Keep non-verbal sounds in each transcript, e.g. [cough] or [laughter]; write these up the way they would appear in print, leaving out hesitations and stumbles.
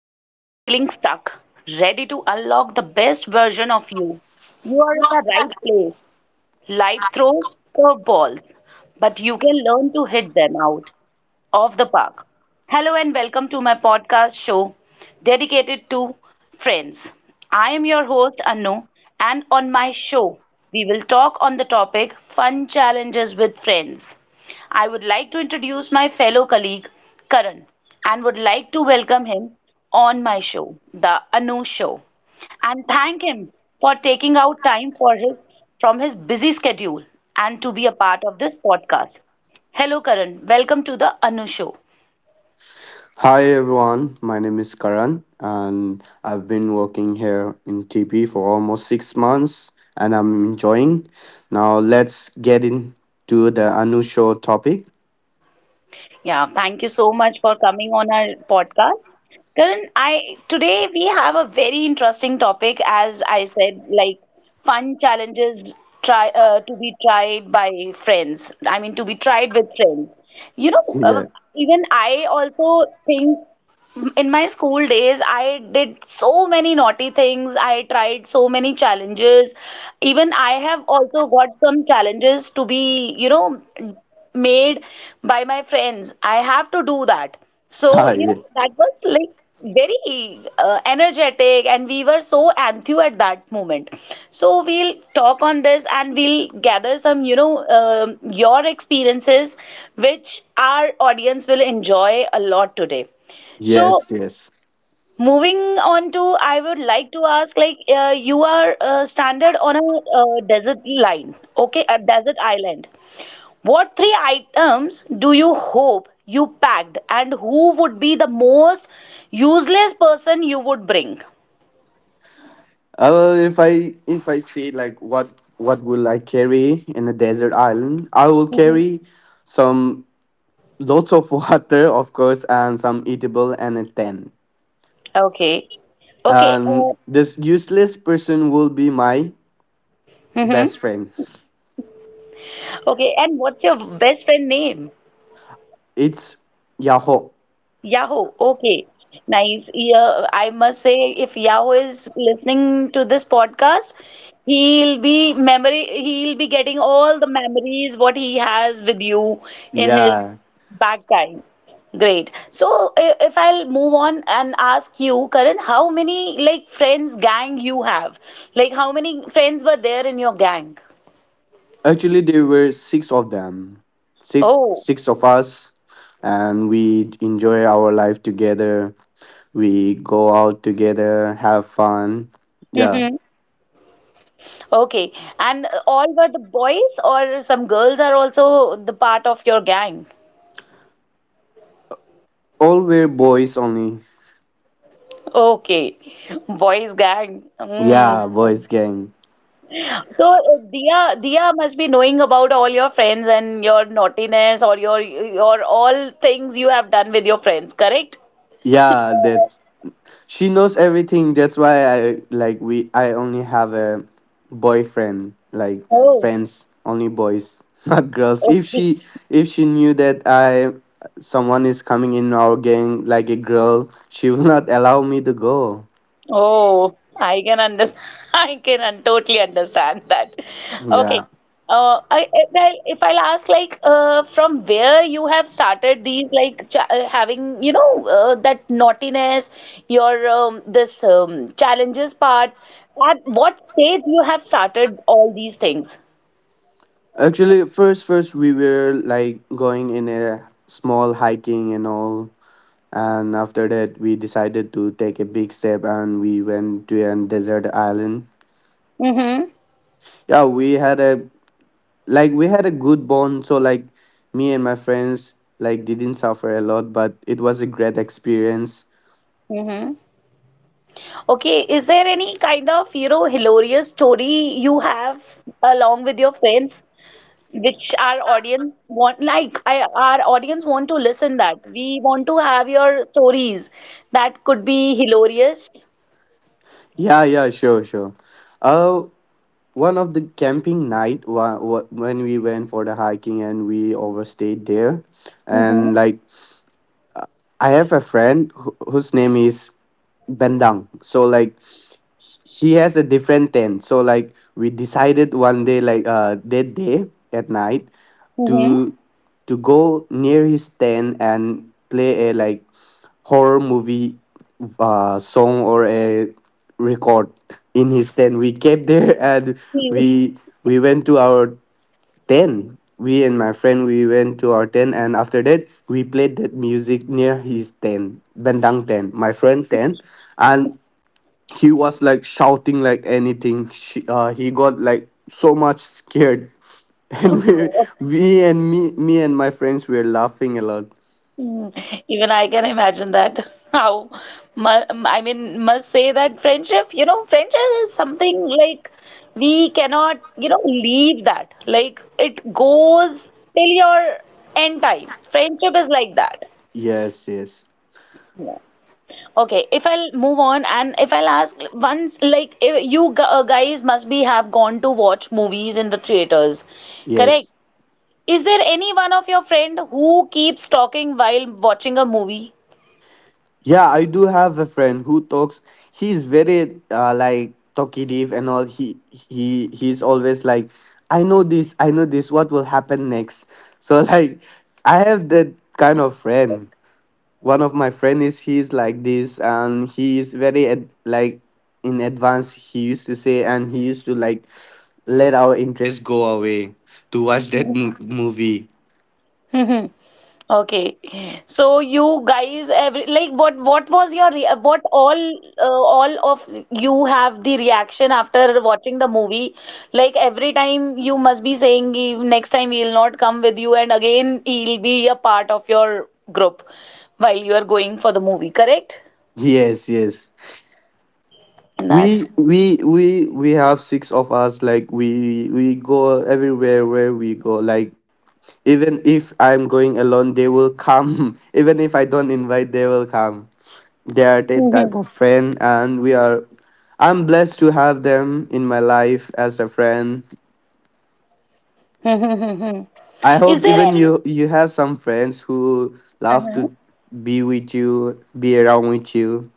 Tired of feeling stuck? Ready to unlock the best version of you? You are in the right place. Life throws curveballs, but you can learn to hit them out of the park. Hello and welcome to my podcast show dedicated to friends. I am your host Anu, and on my show we will talk on the topic fun challenges with friends. I would like to introduce my fellow colleague Karan, and would like to welcome him on my show, the Anu show, and thank him for taking out time for his from his busy schedule and to be a part of this podcast. Hello, Karan. Welcome to the Anu Show. Hi everyone, my name is Karan and I've been working here in TP for almost 6 months and I'm enjoying. Now let's get into the unusual topic. Yeah, thank you so much for coming on our podcast. Karan, I today we have a very interesting topic, as I said, like fun challenges try to be tried by friends. I mean, to be tried with friends. You [laughs] know, uh, Yeah. Even I also think, in my school days I did so many naughty things, I tried so many challenges. Even I have also got some challenges to be, you know made by my friends. I have to do that. So, Hi, yeah. That was like very energetic, and we were so enthused at that moment. So we'll talk on this, and we'll gather some um your experiences, which our audience will enjoy a lot today. So Yes, yes. moving on to, I would like to ask, like, you are stranded on a desert line, okay, a desert island. What three items do you hope you packed, and who would be the most useless person you would bring? If I see, like, what will I carry in a desert island, I will carry some lots of [laughs] water, of course, and some eatable and a tent. Okay, okay, And this useless person will be my mm-hmm. best friend. Okay, and what's your best friend name? It's Yahoo. Yahoo. Okay. Nice. Yeah, I must say, if Yahoo is listening to this podcast, he'll be memory, he'll be getting all the memories what he has with you in his Yeah. back time. Great. So if I'll move on and ask you, Karan, how many like friends gang you have? Like how many friends were there in your gang? Actually, there were six of them, six Oh. six of us, and we enjoy our life together. We go out together, have fun. Yeah, [laughs] Okay. And all were the boys, or some girls are also the part of your gang? all were boys only. Okay. Boys gang. Mm. Yeah, boys gang. So, Dia must be knowing about all your friends and your naughtiness, or your all things you have done with your friends, correct? Yeah, that. She knows everything. That's why I like we. I only have a boyfriend, like Oh, friends, only boys, [laughs] not girls. If okay. she if she knew that I someone is coming in our gang like a girl, she will [laughs] not allow me to go. Oh, I can understand. [laughs] I can un totally understand that. Okay. Yeah. If I'll ask, like, from where you have started these, like, cha having, that naughtiness, your this challenges part. At what stage you have started all these things? Actually, first we were like going in a small hiking and all, and after that we decided to take a big step and we went to an desert island. Mm-hmm. Yeah, we had a like we had a good bond, so like me and my friends like didn't suffer a lot, but it was a great experience. Mm-hmm. Okay. Is there any kind of, hilarious story you have along with your friends, which our audience want? Like our audience want to listen, that we want to have your stories that could be hilarious. Yeah, yeah, sure, sure. uh One of the camping night, when we went for the hiking and we overstayed there, Hmm. and like I have a friend whose name is Bendang. So like he has a different tent. So like we decided one day, like that day at night, Hmm. to to go near his tent and play a like horror movie song or a record in his tent. We came there [laughs] and we we went to our tent. We And my friend, we went to our tent, and after that we played that music near his tent, Bendang tent, my friend tent, and he was like shouting like anything. He got like so much scared, [laughs] and [laughs] me, and my friends were laughing a lot. Even I can imagine that. How I mean, must say that friendship you know friendship is something like, we cannot leave that, like it goes till your end time. Friendship is like that. Yes, yes, Okay, if I'll move on and if I'll ask once, like, if you guys must be have gone to watch movies in the theaters, correct? yes. Is there any one of your friend who keeps talking while watching a movie? Yeah, I do have a friend who talks. He's very like talkative and all. He's always like, I know this, I know this. What will happen next? [laughs] So like, I have that kind of friend. One of my friend is he's like this, and he is very like in advance. He used to say, and he used to like let our interest go away to watch that movie. [laughs] Okay, so you guys, every, like, what was your re what all of you have the reaction after watching the movie? Like every time you must be saying, "Ki, next time he'll not come with you," and again he'll be a part of your group while you are going for the movie, correct? Yes, yes. That's We have six of us, like we go everywhere where we go, like even if I'm going alone they will come. [laughs] Even if I don't invite they will come. They are that type of friend, and we are I'm blessed to have them in my life as a friend. [laughs] I hope Is there even any? you have some friends who love to be with you, be around with you.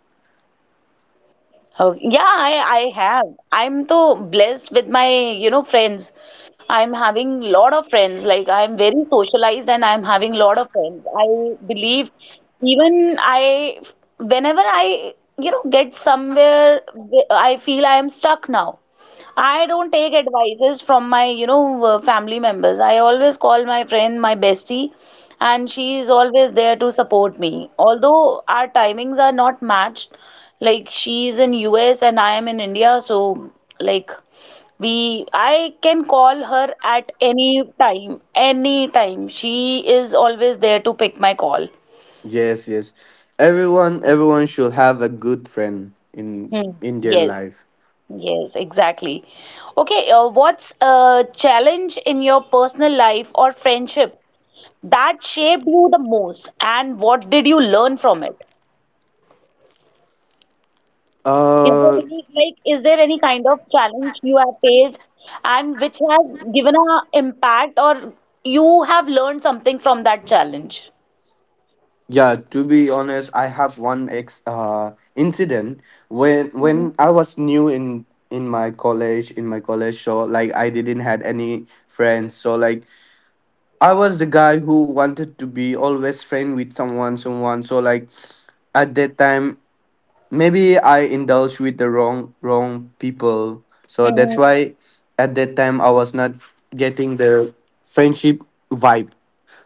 Oh, yeah, I have. I'm so blessed with my, friends. I'm having lot of friends. Like, I'm very socialized and I'm having lot of friends. I believe even I, whenever I, get somewhere, I feel I am stuck now. I don't take advices from my, family members. I always call my friend, my bestie, and she is always there to support me. Although our timings are not matched, like she is in US and I am in India, so like I can call her at any time, any time. She is always there to pick my call. Yes, yes. Everyone should have a good friend in Hmm. in their Yes. life. Yes, exactly. Okay, what's a challenge in your personal life or friendship that shaped you the most, and what did you learn from it? Is there Uh, any, like, is there any kind of challenge you have faced and which has given a impact, or you have learned something from that challenge? yeah. To be honest, I have one ex incident when Mm-hmm. when I was new in my college. So like I didn't had any friends. So like I was the guy who wanted to be always friend with someone. So like at that time maybe I indulged with the wrong people. So that's Mm-hmm. why at that time I was not getting the friendship vibe.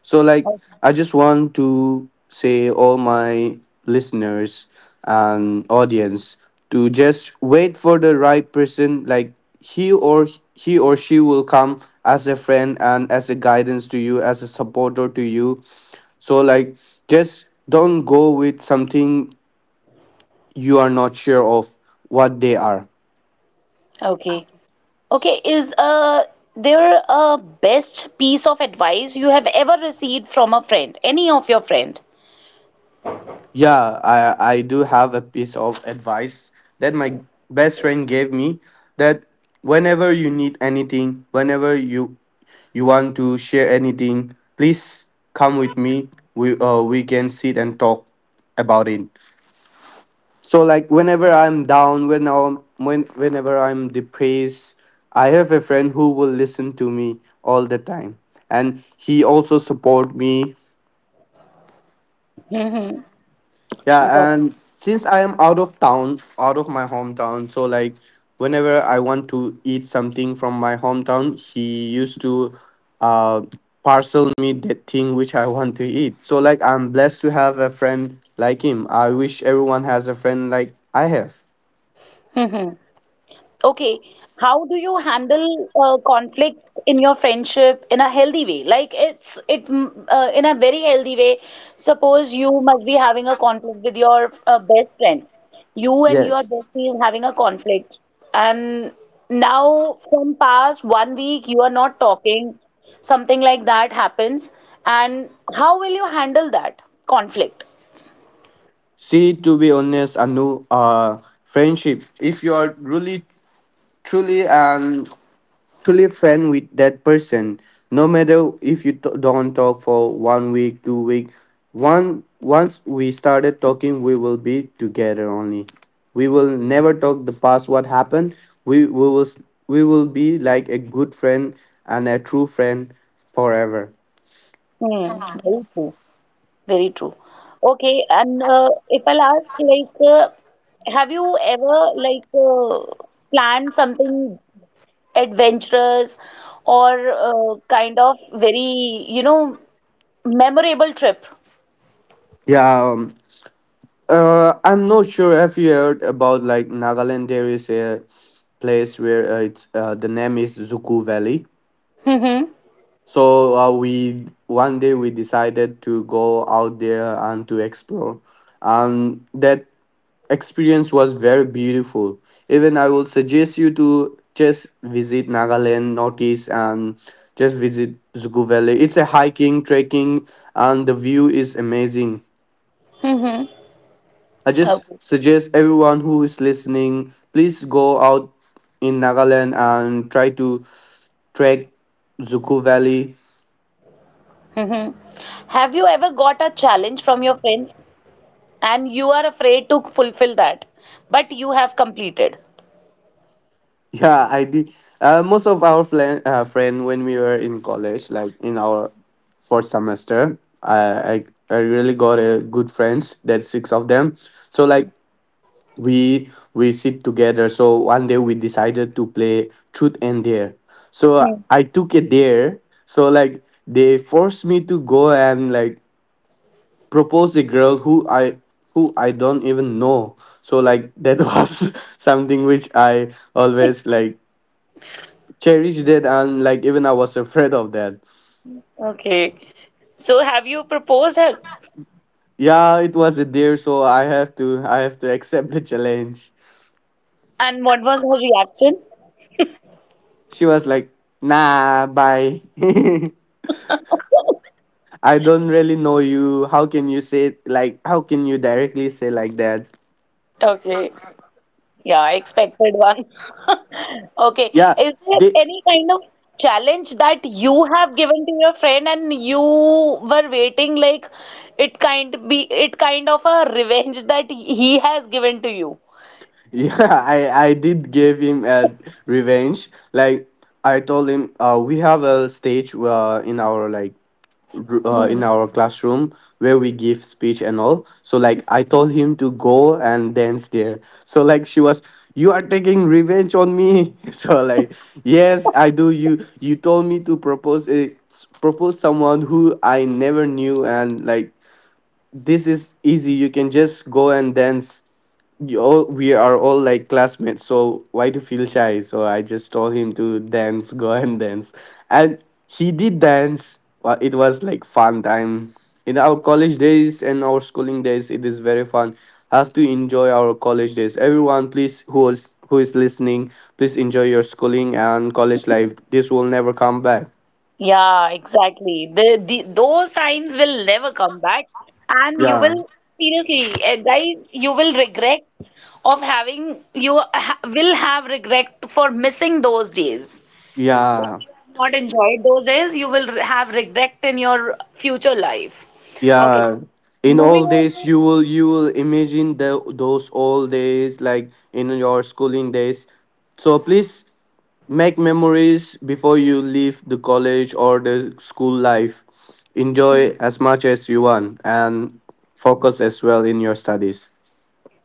So like I just want to say all my listeners and audience to just wait for the right person, like he or he or she will come as a friend and as a guidance to you, as a supporter to you. So like just don't go with something you are not sure of what they are. Okay. Okay, is there a best piece of advice you have ever received from a friend, any of your friend? Yeah, I do have a piece of advice that my best friend gave me, that whenever you need anything, whenever you want to share anything, please come with me. We can sit and talk about it. So like whenever I'm down, whenever I'm depressed, I have a friend who will listen to me all the time, and he also support me. Mhm. Yeah, Got it. and since I am out of town, out of my hometown, so like whenever I want to eat something from my hometown, he used to uh parcel me that thing which I want to eat. So like I'm blessed to have a friend like him. I wish everyone has a friend like I have. Hmm. Okay. How do you handle conflicts in your friendship in a healthy way? Like, in a very healthy way. Suppose you must be having a conflict with your best friend. You and your Yes. bestie is having a conflict, and now from past one week you are not talking. Something like that happens, and how will you handle that conflict? See, to be honest, Anu, friendship. If you are really, truly, and truly, friend with that person, no matter if you don't talk for one week, 2 week, one once we started talking, we will be together only. We will never talk the past, what happened. We, we will s- we will be like a good friend and a true friend forever. Hmm. Very true. Very true. Okay, and if I'll ask, like, have you ever like uh, planned something adventurous, or kind of very, memorable trip? Yeah, I'm not sure if you heard about, like, Nagaland. There is a place where it's the name is Zuku Valley. Mm-hmm. So we one day we decided to go out there and to explore. That experience was very beautiful. Even I will suggest you to just visit Nagaland, Northeast, and just visit Zugu Valley. It's a hiking, trekking, and the view is amazing. Mm-hmm. I just Okay. suggest everyone who is listening, please go out in Nagaland and try to trek Zuku Valley. Mm-hmm. Have you ever got a challenge from your friends and you are afraid to fulfill that, but you have completed? Yeah, I did. Most of our friend when we were in college, like in our fourth semester, I I really got a good friends. That six of them. So like we sit together. So one day we decided to play truth and dare. So Hmm. I took a dare. So like they forced me to go and like propose a girl who I don't even know. So like that [laughs] was something which I always like cherished it, and like even I was afraid of that. Okay. So have you proposed her? Yeah, it was a deer, so I have to accept the challenge. And what was her reaction? She was like, nah, bye. [laughs] I don't really know you. How can you directly say like that? Okay. Yeah, I expected one. [laughs] Okay. Yeah, Is there they any kind of challenge that you have given to your friend and you were waiting, like it kind of a revenge that he has given to you? [laughs] yeah, I did give him a revenge. Like I told him, we have a stage, in our, like, in our classroom where we give speech and all. So like I told him to go and dance there. So like she was, you are taking revenge on me. [laughs] So like, yes, I do. You told me to propose propose someone who I never knew, and like this is easy, you can just go and dance. You all We are all, like, classmates, so why to feel shy? So I just told him to dance. Go [laughs] and dance, and he did dance. It was like fun time in our college days, and our schooling days, it is very fun. Have to enjoy our college days. Everyone, please, who is listening, please enjoy your schooling and college life. This will never come back. Yeah, exactly. The those times will never come back, and you Yeah, will, seriously, guys, you will regret of having, you ha will have regret for missing those days. If yeah. you have not enjoyed those days, you will have regret in your future life. Okay, Yeah, in moving old on days to you will imagine the those old days, like in your schooling days. So please make memories before you leave the college or the school life. Enjoy as much as you want and focus as well in your studies.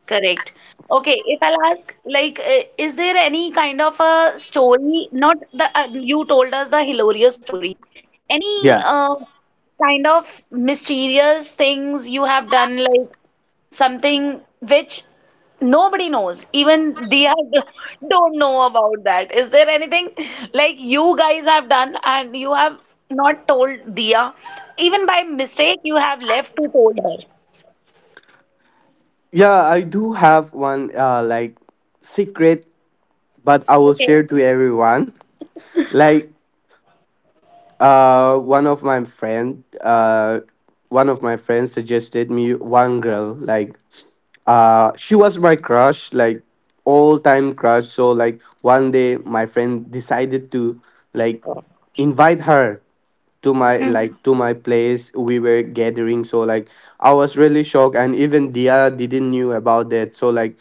correct. Okay, if I'll ask, like, is there any kind of a story? Not the you told us the hilarious story. Any Yeah. Kind of mysterious things you have done, like something which nobody knows, even they are [laughs] don't know about, that is there anything like you guys have done and you have not told Dia, even by mistake you have left to told her? Yeah, I do have one like secret, but I will Okay. share to everyone. Like, Uh, one of my friend, uh, one of my friends suggested me one girl. Like, she was my crush, like all time crush. So like one day, my friend decided to, like, invite her to my like to my place. We were gathering, so like I was really shocked, and even Dia didn't knew about that. So like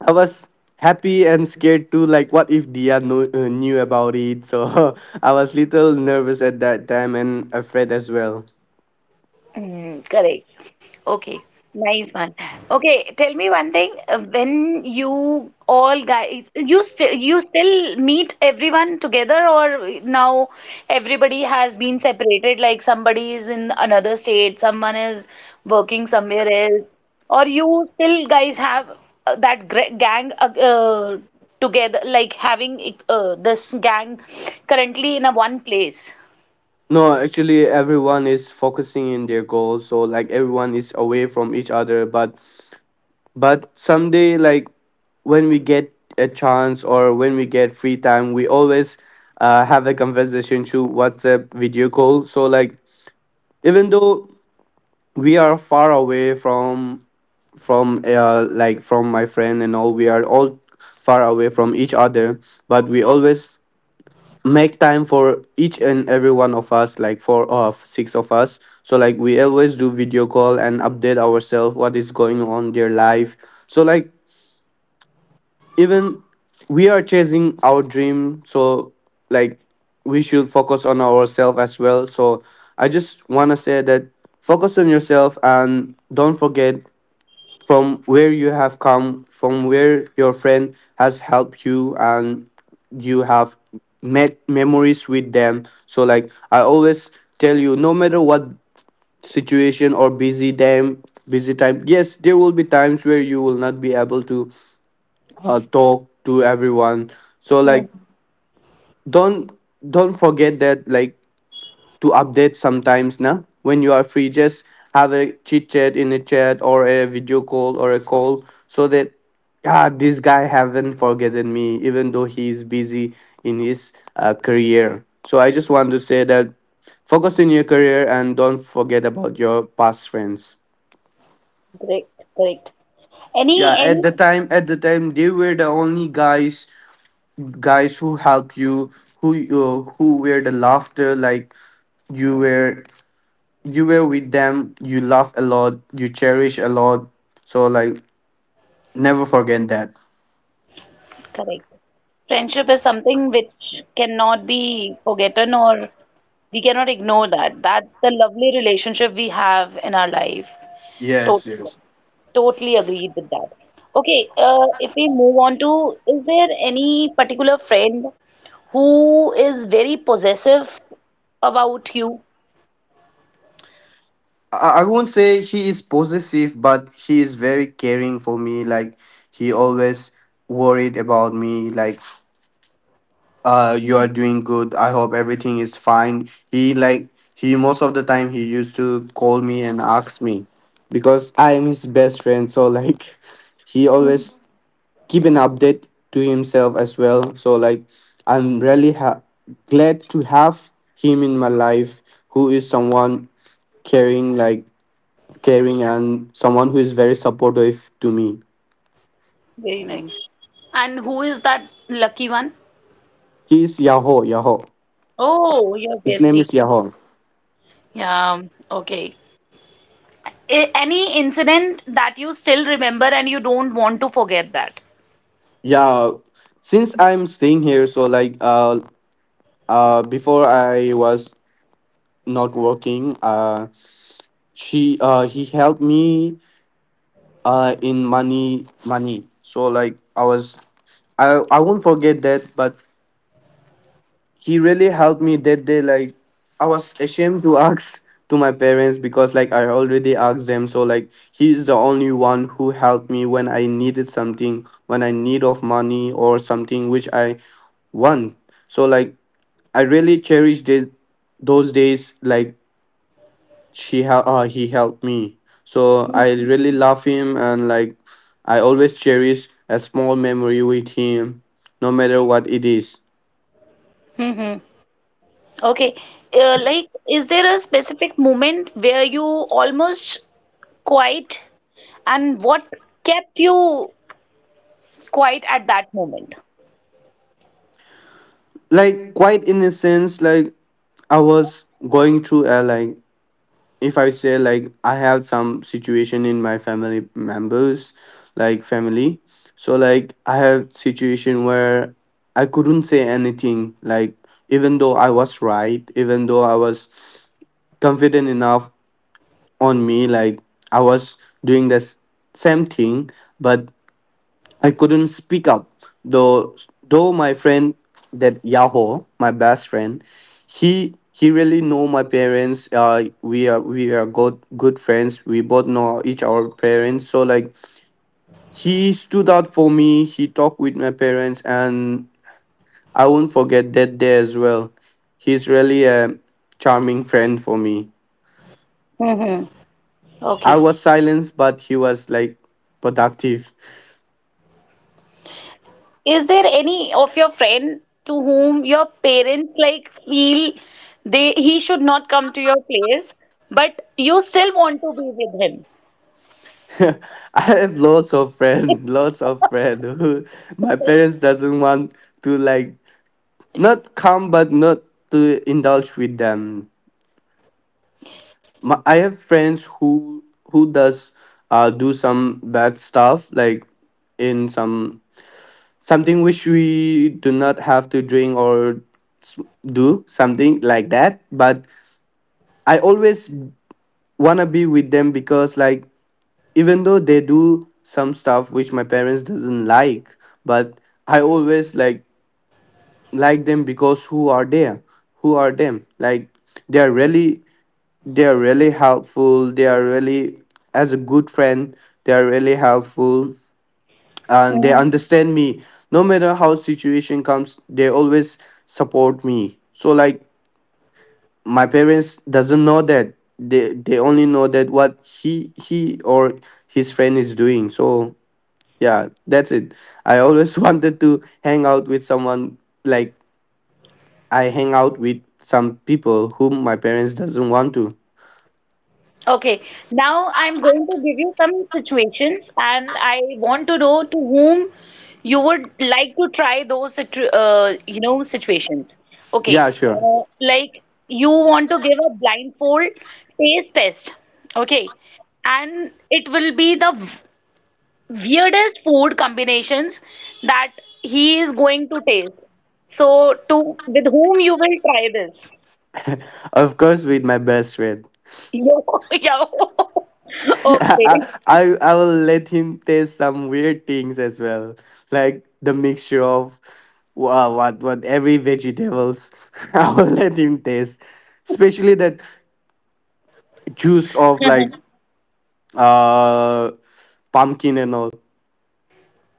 I was happy and scared too. Like, what if Dia knew about it? So [laughs] I was little nervous at that time, and afraid as well. Mm, correct. Okay, nice one. Okay, tell me one thing. When you all guys, you still meet everyone together, or now everybody has been separated? Like, somebody is in another state, someone is working somewhere else, or you still guys have that gr gang together, like having this gang currently in a one place. No, actually, everyone is focusing in their goals. So like everyone is away from each other. But someday, like when we get a chance or when we get free time, we always have a conversation through WhatsApp video call. So like even though we are far away from my friend and all, we are all far away from each other, but we always make time for each and every one of us, like four of six of us. So like we always do video call and update ourselves what is going on their life. So like even we are chasing our dream, so like we should focus on ourselves as well. So I just want to say that, focus on yourself and don't forget from where you have come, from where your friend has helped you, and you have made memories with them. So, like, I always tell you, no matter what situation or busy time. Yes, there will be times where you will not be able to talk to everyone. So, Hmm. like, don't don't forget that, like, to update sometimes now when you are free. Just have a chit chat in a chat or a video call or a call, so that, yeah, this guy haven't forgotten me even though he is busy in his career. So I just want to say that focus on your career and don't forget about your past friends. Correct, correct. Any Yeah, at any the time at the time they were the only guys who help you, who were the laughter. Like, you were, you were with them, you laugh a lot, you cherish a lot. So, like, never forget that. Correct. Friendship is something which cannot be forgotten, or we cannot ignore that. That's the lovely relationship we have in our life. Yes, Totally, right. yes. Totally agreed with that. Okay, if we move on to, is there any particular friend who is very possessive about you? I won't say he is possessive, but he is very caring for me. Like, he always worried about me. Like, you are doing good. I hope everything is fine. He, most of the time, he used to call me and ask me because I am his best friend. So like, [laughs] he always keep an update to himself as well. So like, I'm really glad to have him in my life, who is someone caring. Like, caring and someone who is very supportive to me. Very nice. And who is that lucky one? He's Yahoo. Oh, your His name bestie. is Yahoo. Yeah, okay. Any incident that you still remember and you don't want to forget that? Yeah, since I'm staying here, so like, uh, before I was not working, she he helped me in money. So like, I was, I won't forget that, but he really helped me that day. Like, I was ashamed to [laughs] ask to my parents, because, like, I already asked them. So like, he is the only one who helped me when I needed something, when I need of money or something which I want. So like, I really cherish this, those days. Like, he helped me, so I really love him. And like, I always cherish a small memory with him, no matter what it is. Hmm. Okay. Like, is there a specific moment where you almost quiet, and what kept you quiet at that moment? Like, quite in a sense. Like, I was going through a, like, if I say, like, I have some situation in my family members, like family. So like, I have situation where I couldn't say anything. Like, even though I was right, even though I was confident enough on me. Like, I was doing the same thing, but I couldn't speak up, though, my friend, that Yahoo, my best friend, he really know my parents. We are good friends, we both know each our parents. So like, he stood out for me, he talked with my parents, and I won't forget that day as well. He's really a charming friend for me. Hmm. I Okay. was silenced, but he was like productive. Is there any of your friend to whom your parents, like, feel they he should not come to your place, but you still want to be with [laughs] I have lots of friend, [laughs] lots of friend who my parents doesn't want to, like, not come, but not to indulge with them. My, I have friends who does do some bad stuff. Like, in some something which we do not have to drink or s- do something like that. But I always wanna be with them, because, like, even though they do some stuff which my parents doesn't like, but I always, like them. Because who are they, who are them? Like, they are really, they are really helpful, they are really, as a good friend, they are really helpful, and they him? understand me. No matter how situation comes, they always support me. So like, my parents doesn't know that, they only know that what he or his friend is doing. So yeah, that's it. I always [laughs] wanted to hang out with someone. Like, I hang out with some people whom my parents doesn't want to. Okay, now I'm going to give you some situations, and I want to know to whom you would like to try those situ situations. Okay, Yeah, sure. Like, you want to give a blindfold taste test. Okay, and it will be the weirdest food combinations that he is going to taste. So, to with whom you will try this? [laughs] Of course, with my best friend. [laughs] Yo, yo. [laughs] [laughs] Okay. I will let him taste some weird things as well. Like the mixture of wow, what every vegetables. [laughs] I will let him taste. Especially that juice of like [laughs] uh pumpkin and all.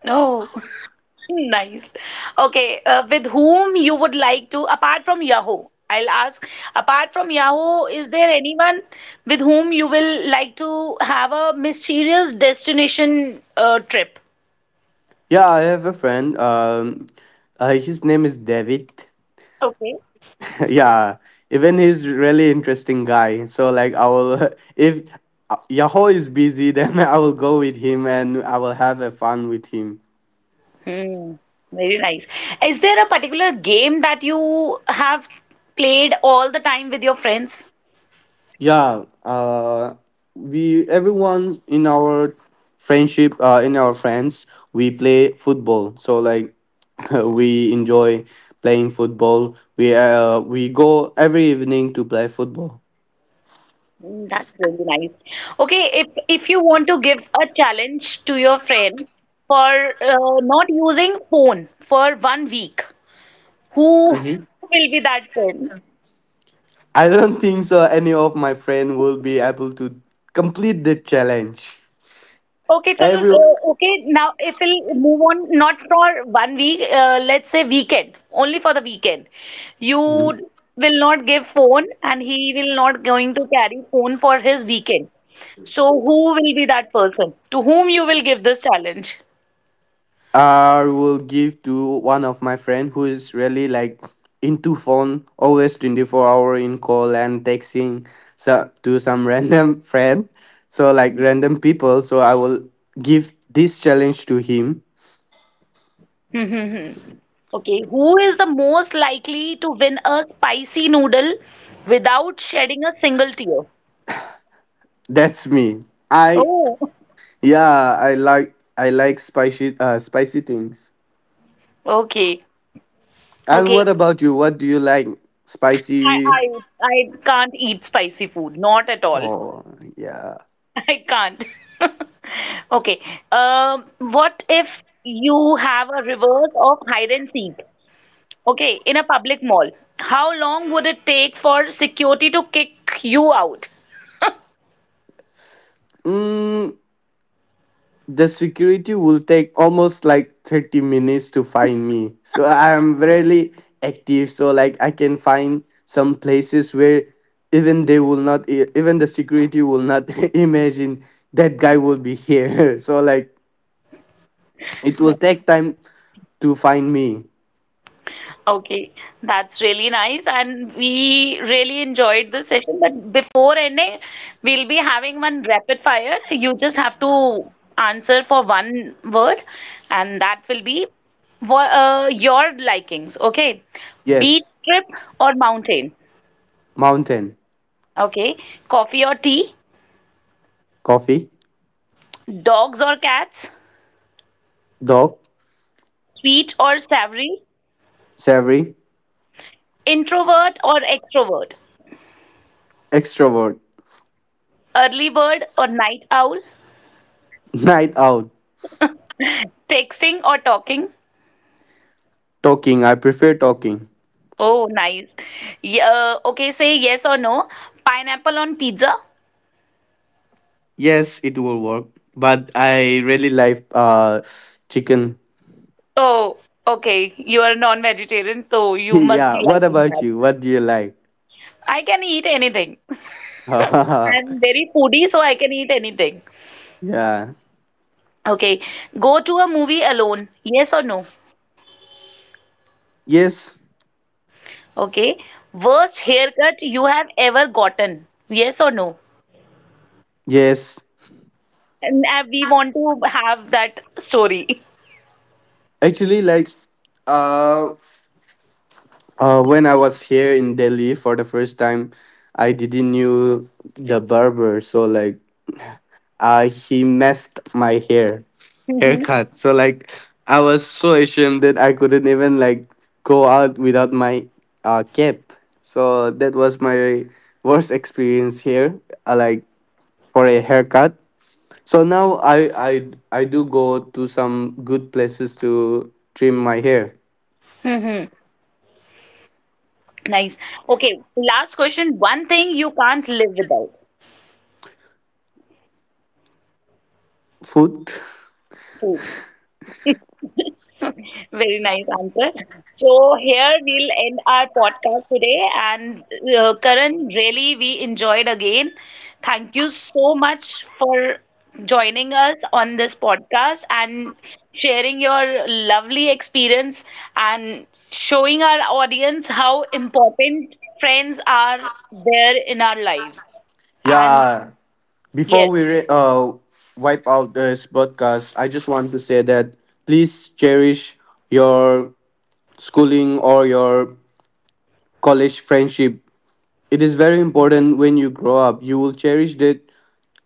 No. [laughs] Nice. Okay, with whom you would like to, apart from Yahoo, I'll ask, apart from Yahoo, is there anyone with whom you will like to have a mysterious destination trip? Yeah, I have a friend. His name is David. Okay. [laughs] Yeah, even he's really interesting guy. So like, I will, [laughs] if Yahoo is busy, [laughs] then I will go with him and I will have a fun with him. Hmm, very nice. Is there a particular game that you have played all the time with your friends? Yeah, we, everyone in our friendship, in our friends, we play football. So like, [laughs] we enjoy playing football. We, we go every evening to play football. Mm, that's really nice. Okay, if you want to give a challenge to your friend for not using phone for one week, who will be that friend? I don't think so any of my friend will be able to complete the challenge. Okay, chalo, Every okay, now if we'll move on, not for one week, let's say weekend, only for the weekend. You will not give phone, and he will not going to carry phone for his weekend. So who will be that person to whom you will give this challenge? I will give to one of my friend who is really, like, into phone, always 24 hour in call and texting. So, to some [laughs] random friend. So like, random people. So I will give this challenge to him. [laughs] Okay, who is the most likely to win a spicy noodle without shedding a single tear? That's me. I Oh, yeah, I like, I like spicy spicy things. okay. And Okay. what about you? What do you like? I Spicy. I I can't eat spicy food. Not at all. Oh, yeah. [laughs] I can't. [laughs] Okay. What if you have a reverse of hide and seek? Okay, in a public mall. How long would it take for security to kick you out? Mm, the security will take almost like 30 minutes to find me. So I'm really active, so like, I can find some places where even they will not even the security will not [laughs] imagine that guy will be here. [laughs] So like, it will take time to find me. Okay, that's really nice, and we really enjoyed this session. But before ending, we'll be having one rapid fire. You just have to answer for one word, and that will be your likings. Okay, beach Yes. trip or mountain? Mountain, Okay, coffee or tea? coffee, Dogs or cats? dog, Sweet or savory? savory, Introvert or extrovert? extrovert, Early bird or night owl? [laughs] night out. Texting or talking? Talking, I prefer talking. Oh, nice. Okay, say yes or no. Pineapple on pizza? Yes, it will work, but I really like chicken. Oh, okay. You are non-vegetarian, so [laughs] you must Yeah, be what liking about that. you? What do you like? I can eat anything. [laughs] I'm very foodie, so I can eat anything. Yeah. Okay. Go to a movie alone. Yes or no? Yes. Okay. Worst haircut you have ever gotten. Yes or no? Yes. And we want to have that story. Actually like, uh when I was here in Delhi for the first time, I didn't knew the barber, so like, [laughs] he messed my hair Hmm. haircut. So like, I was so ashamed that I couldn't even, like, go out without my cap. So that was my worst experience here. Like, for a haircut. So now I do go to some good places to trim my hair. Hmm. Nice. Okay. Last question. One thing you can't live without. Food. Very nice answer. So here we'll end our podcast today. And Karan, really we enjoyed again. Thank you so much for joining us on this podcast and sharing your lovely experience, and showing our audience how important friends are there in our lives. And Yeah, before yes. we wipe out this podcast, I just want to say that please cherish your schooling or your college friendship. It is very important. When you grow up, you will cherish that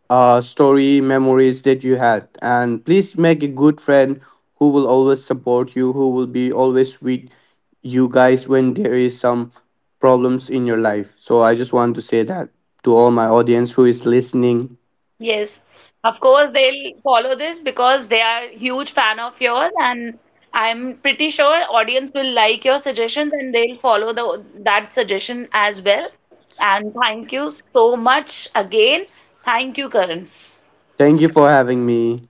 story, memories that you had. And please make a good friend who will always support you, who will be always with you guys when there is some problems in your life. So I just want to say that to all my audience who is listening. Yes, of course they'll follow this, because they are huge fan of yours, and I'm pretty sure audience will like your suggestions, and they'll follow the that suggestion as well. And thank you so much again. Thank you, Karan. Thank you for having me.